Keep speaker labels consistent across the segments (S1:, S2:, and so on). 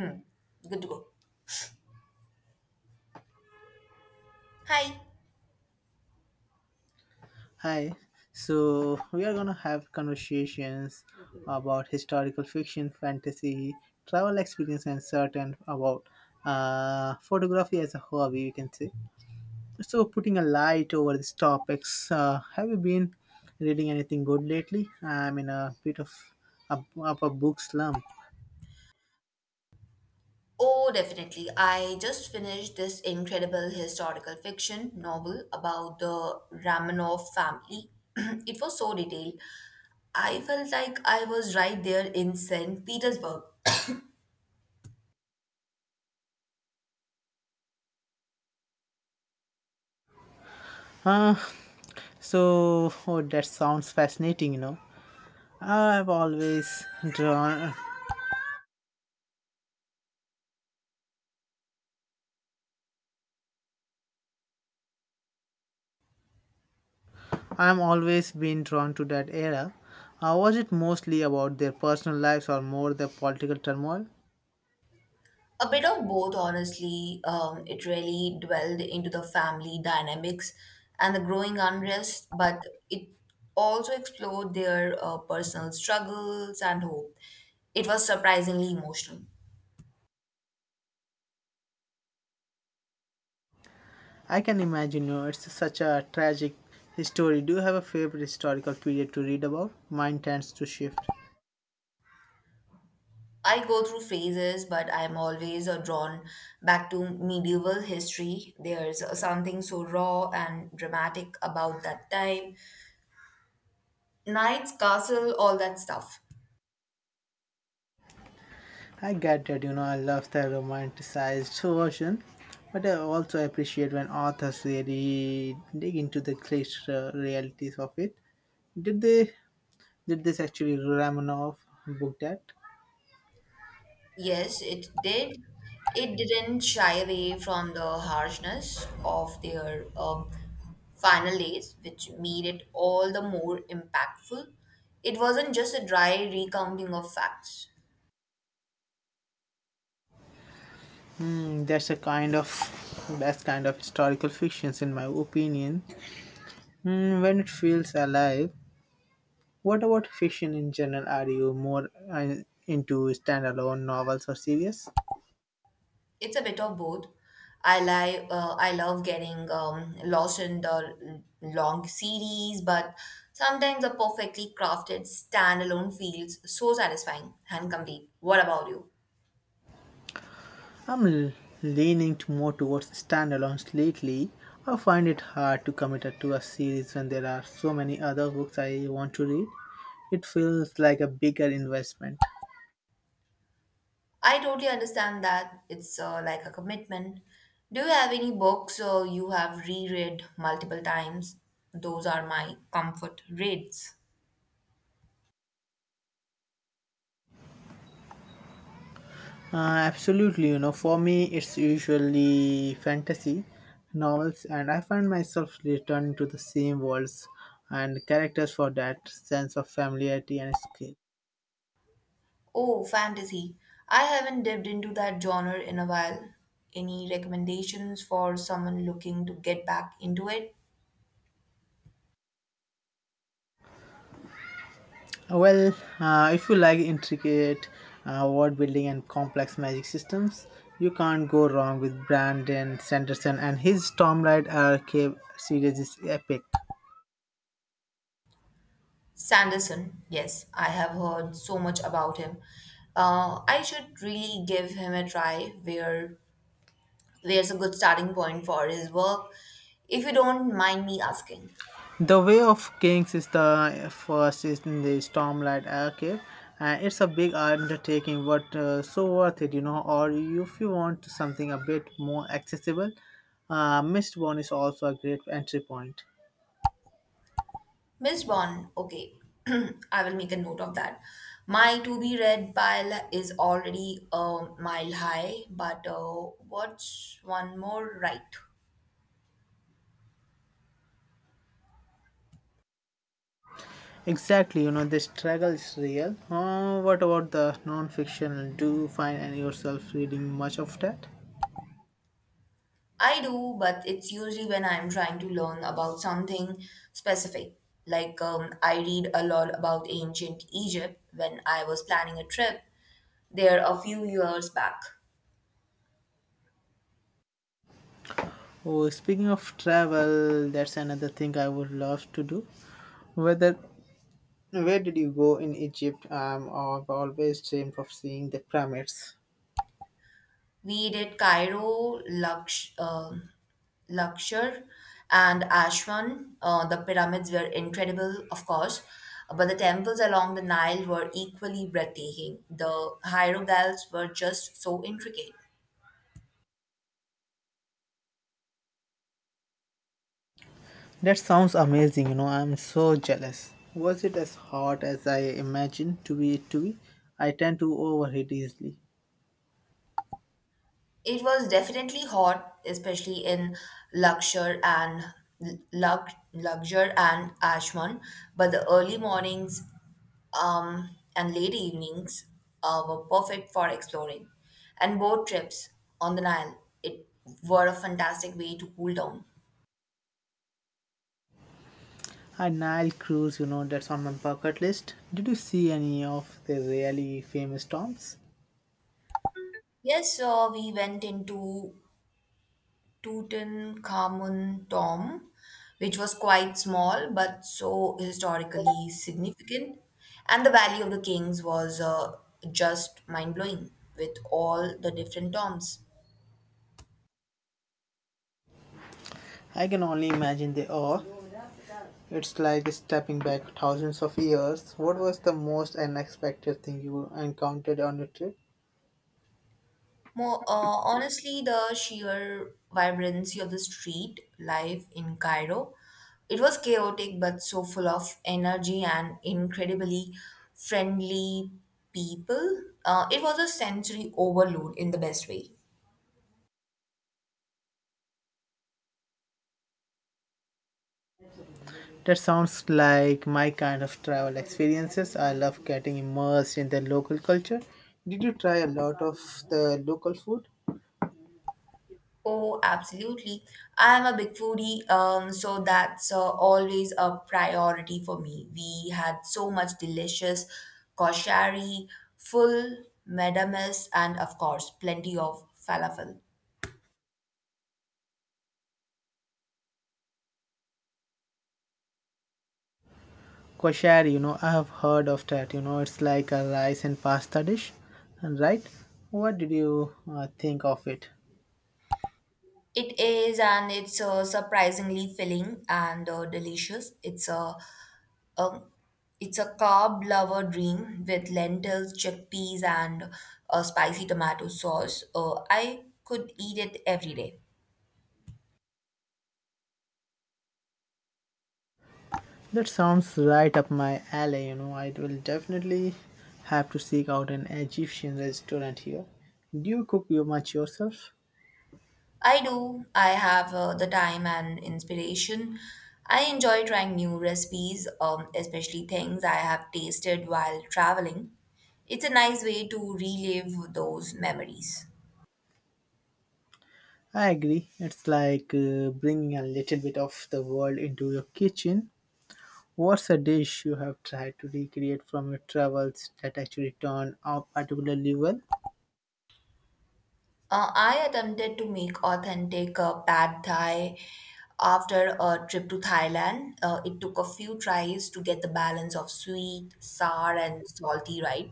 S1: Hmm. Good to go. Hi.
S2: Hi. So we are gonna have conversations about historical fiction, fantasy, travel experience, and certain about photography as a hobby. You can say. So putting a light over these topics. Have you been reading anything good lately? I'm in a bit of a book slump.
S1: Oh, definitely. I just finished this incredible historical fiction novel about the Romanov family. It was so detailed. I felt like I was right there in St. Petersburg.
S2: Uh, oh, that sounds fascinating. You know, I've always drawn I'm always been drawn to that era. Was it mostly about their personal lives or more the political turmoil?
S1: A bit of both, honestly. It really dwelled into the family dynamics and the growing unrest, but it also explored their personal struggles and hope. It was surprisingly emotional.
S2: I can imagine, you know, it's such a tragic story. Do you have a favorite historical period to read about? Mine tends to shift.
S1: I go through phases, but I'm always drawn back to medieval history. There's something so raw and dramatic about that time. Knights, castle, all that stuff.
S2: I get that, you know, I love the romanticized version, but I also appreciate when authors really dig into the cliche realities of it. Did they did this actually Ramanov book that?
S1: Yes, it did. It didn't shy away from the harshness of their final days, which made it all the more impactful. It wasn't just a dry recounting of facts.
S2: Hmm, that's kind of historical fictions in my opinion. Hmm, when it feels alive. What about fiction in general? Are you more into standalone novels or series?
S1: It's a bit of both. I love getting lost in the long series, but sometimes a perfectly crafted standalone feels so satisfying and complete. What about you?
S2: I'm l- leaning to more towards standalones lately. I find it hard to commit to a series when there are so many other books I want to read. It feels like a bigger investment.
S1: I totally understand that. It's like a commitment. Do you have any books you have reread multiple times? Those are my comfort reads.
S2: Absolutely, you know, for me it's usually fantasy novels, and I find myself returning to the same worlds and characters for that sense of familiarity and scale.
S1: Oh, fantasy. I haven't dipped into that genre in a while. Any recommendations for someone looking to get back into it?
S2: Well, if you like intricate world building and complex magic systems, you can't go wrong with Brandon Sanderson and his Stormlight Archive series is epic.
S1: Sanderson, yes, I have heard so much about him. I should really give him a try. Where's a good starting point for his work, if you don't mind me asking?
S2: The Way of Kings is the first in the Stormlight Archive, and it's a big undertaking, but so worth it, you know. Or if you want something a bit more accessible, Mistborn is also a great entry point.
S1: Miss Bond, okay. I will make a note of that. My to be read pile is already a mile high, but what's one more, right?
S2: Exactly, you know, the struggle is real. What about the non-fiction? Do you find yourself reading much of that?
S1: I do, but it's usually when I'm trying to learn about something specific. Like, I read a lot about ancient Egypt when I was planning a trip there a few years back.
S2: Oh, speaking of travel, that's another thing I would love to do. Whether Where did you go in Egypt? I've always dreamed of seeing the pyramids.
S1: We did Cairo, Luxor, and Aswan. The pyramids were incredible, of course, but the temples along the Nile were equally breathtaking. The hieroglyphs were just so intricate.
S2: That sounds amazing, you know. I'm so jealous. Was it as hot as I imagined to be it to be? I tend to overheat easily.
S1: It was definitely hot, especially in Lakshar and Lakshar and Ashman, but the early mornings um, and late evenings were perfect for exploring. And boat trips on the Nile, it were a fantastic way to cool down.
S2: A Nile cruise, you know, that's on my bucket list. Did you see any of the really famous tombs?
S1: Yes, so we went into Tutankhamun tomb, which was quite small but so historically significant. And the Valley of the Kings was just mind blowing with all the different tombs.
S2: I can only imagine they are. It's like stepping back thousands of years. What was the most unexpected thing you encountered on your trip?
S1: Honestly, the sheer vibrancy of the street life in Cairo, it was chaotic but so full of energy and incredibly friendly people. It was a sensory overload in the best way.
S2: That sounds like my kind of travel experiences. I love getting immersed in the local culture. Did you try a lot of the local food?
S1: Oh, absolutely. I am a big foodie, so that's always a priority for me. We had so much delicious koshari, full medames, and of course, plenty of falafel.
S2: Koshari, you know, I have heard of that. You know, it's like a rice and pasta dish, and right? What did you think of it?
S1: It is, and it's surprisingly filling and delicious. Um, it's a carb lover dream with lentils, chickpeas, and spicy tomato sauce. I could eat it every day.
S2: That sounds right up my alley. You know, I will definitely have to seek out an Egyptian restaurant here. Do you cook you much yourself?
S1: I do. I have the time and inspiration. I enjoy trying new recipes, especially things I have tasted while traveling. It's a nice way to relive those memories.
S2: I agree. It's like bringing a little bit of the world into your kitchen. What's a dish you have tried to recreate from your travels that actually turned out particularly well?
S1: I attempted to make authentic pad thai after a trip to Thailand. It took a few tries to get the balance of sweet, sour, and salty right.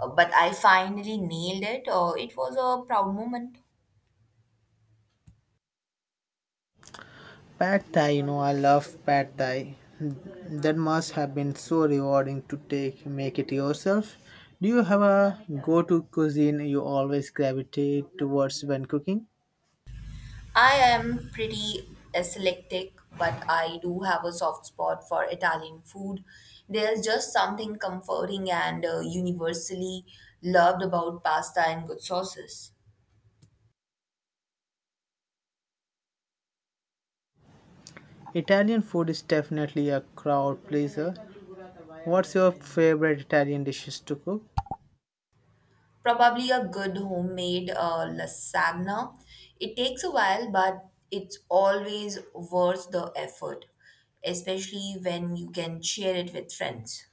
S1: But I finally nailed it. It was a proud moment.
S2: Pad Thai, you know, I love Pad Thai. That must have been so rewarding to take make it yourself. Do you have a go-to cuisine you always gravitate towards when cooking?
S1: I am pretty eclectic, but I do have a soft spot for Italian food. There's just something comforting and universally loved about pasta and good sauces.
S2: Italian food is definitely a crowd pleaser. What's your favorite Italian dishes to cook?
S1: Probably a good homemade lasagna. It takes a while, but it's always worth the effort, especially when you can share it with friends.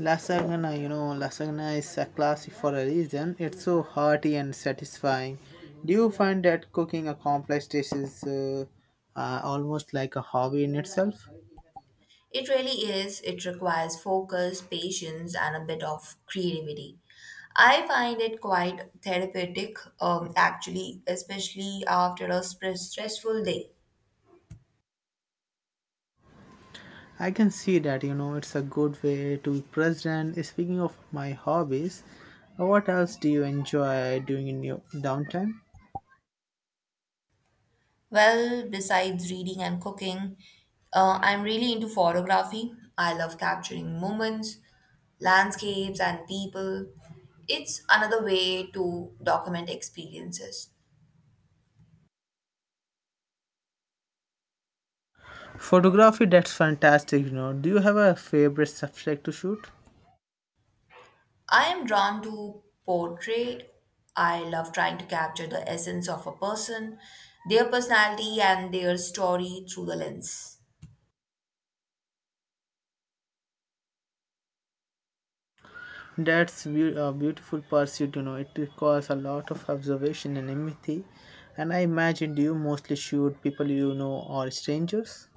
S2: Lasagna, you know, lasagna is a classic for a reason. It's so hearty and satisfying. Do you find that cooking a complex dish is almost like a hobby in itself?
S1: It really is. It requires focus, patience, and a bit of creativity. I find it quite therapeutic, actually, especially after a stressful day.
S2: I can see that, you know, it's a good way to be present. Speaking of my hobbies, what else do you enjoy doing in your downtime?
S1: Well, besides reading and cooking, I'm really into photography. I love capturing moments, landscapes, and people. It's another way to document experiences.
S2: Photography, that's fantastic, you know. Do you have a favorite subject to shoot?
S1: I am drawn to portrait. I love trying to capture the essence of a person, their personality, and their story through the lens.
S2: A beautiful pursuit, you know. It requires a lot of observation and empathy. And I imagine, do you mostly shoot people you know or strangers?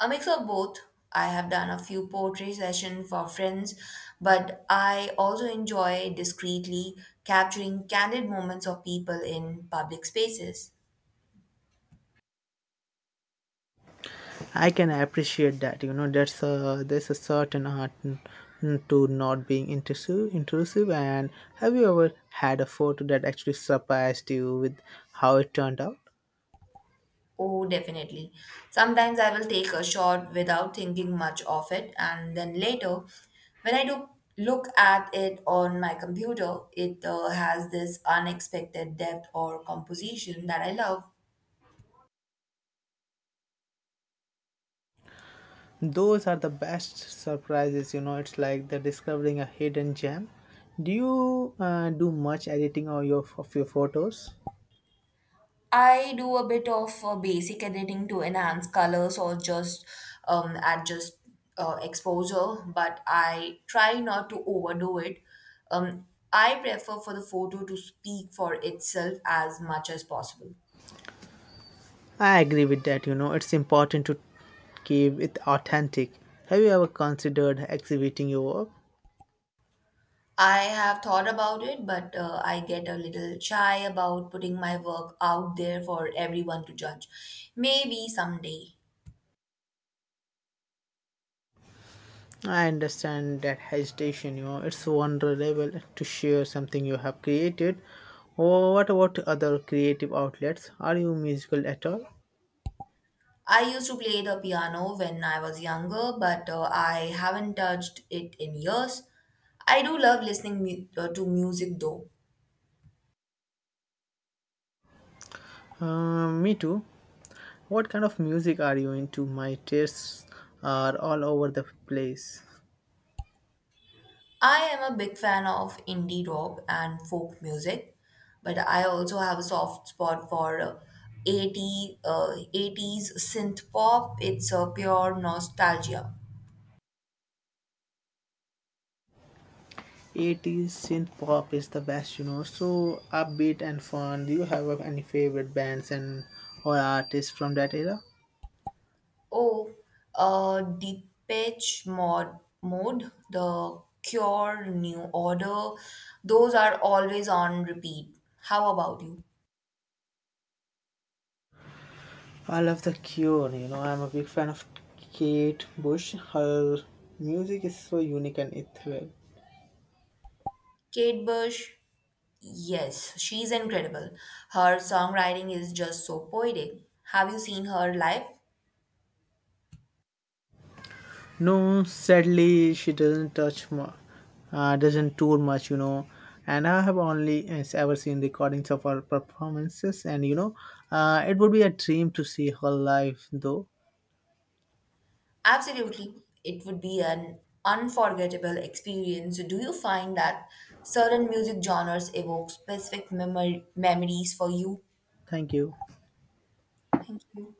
S1: A mix of both. I have done a few portrait sessions for friends, but I also enjoy discreetly capturing candid moments of people in public spaces.
S2: I can appreciate that, you know. That's a there's a certain art to not being intrusive. Intrusive. And have you ever had a photo that actually surprised you with how it turned out?
S1: Oh, definitely. Sometimes I will take a shot without thinking much of it, and then later, when I do look at it on my computer, it has this unexpected depth or composition that I love.
S2: Those are the best surprises, you know. It's like they're discovering a hidden gem. Do you do much editing of your photos?
S1: I do a bit of basic editing to enhance colors or just adjust exposure, but I try not to overdo it. Um, I prefer for the photo to speak for itself as much as possible.
S2: I agree with that, you know, it's important to keep it authentic. Have you ever considered exhibiting your work?
S1: I have thought about it, but I get a little shy about putting my work out there for everyone to judge. Maybe someday.
S2: I understand that hesitation, you know, it's vulnerable to share something you have created. Or what about other creative outlets? Are you musical at all?
S1: I used to play the piano when I was younger, but I haven't touched it in years. I do love to music though.
S2: Me too. What kind of music are you into? My tastes are all over the place.
S1: I am a big fan of indie rock and folk music, but I also have a soft spot for 80s synth pop. It's a pure nostalgia.
S2: 80s synth pop is the best, you know. So upbeat and fun. Do you have any favorite bands and or artists from that era?
S1: Oh, Mode, The Cure, New Order, those are always on repeat. How about you?
S2: I love The Cure, you know. I'm a big fan of Kate Bush. Her music is so unique and ethereal.
S1: Kate Bush, yes, she's incredible. Her songwriting is just so poetic. Have you seen her live?
S2: No, sadly, she doesn't touch mu- doesn't tour much, you know. And I have only ever seen recordings of her performances, and you know, it would be a dream to see her live, though.
S1: Absolutely. It would be an unforgettable experience. Do you find that certain music genres evoke specific memory memories for you?
S2: Thank you.
S1: Thank you.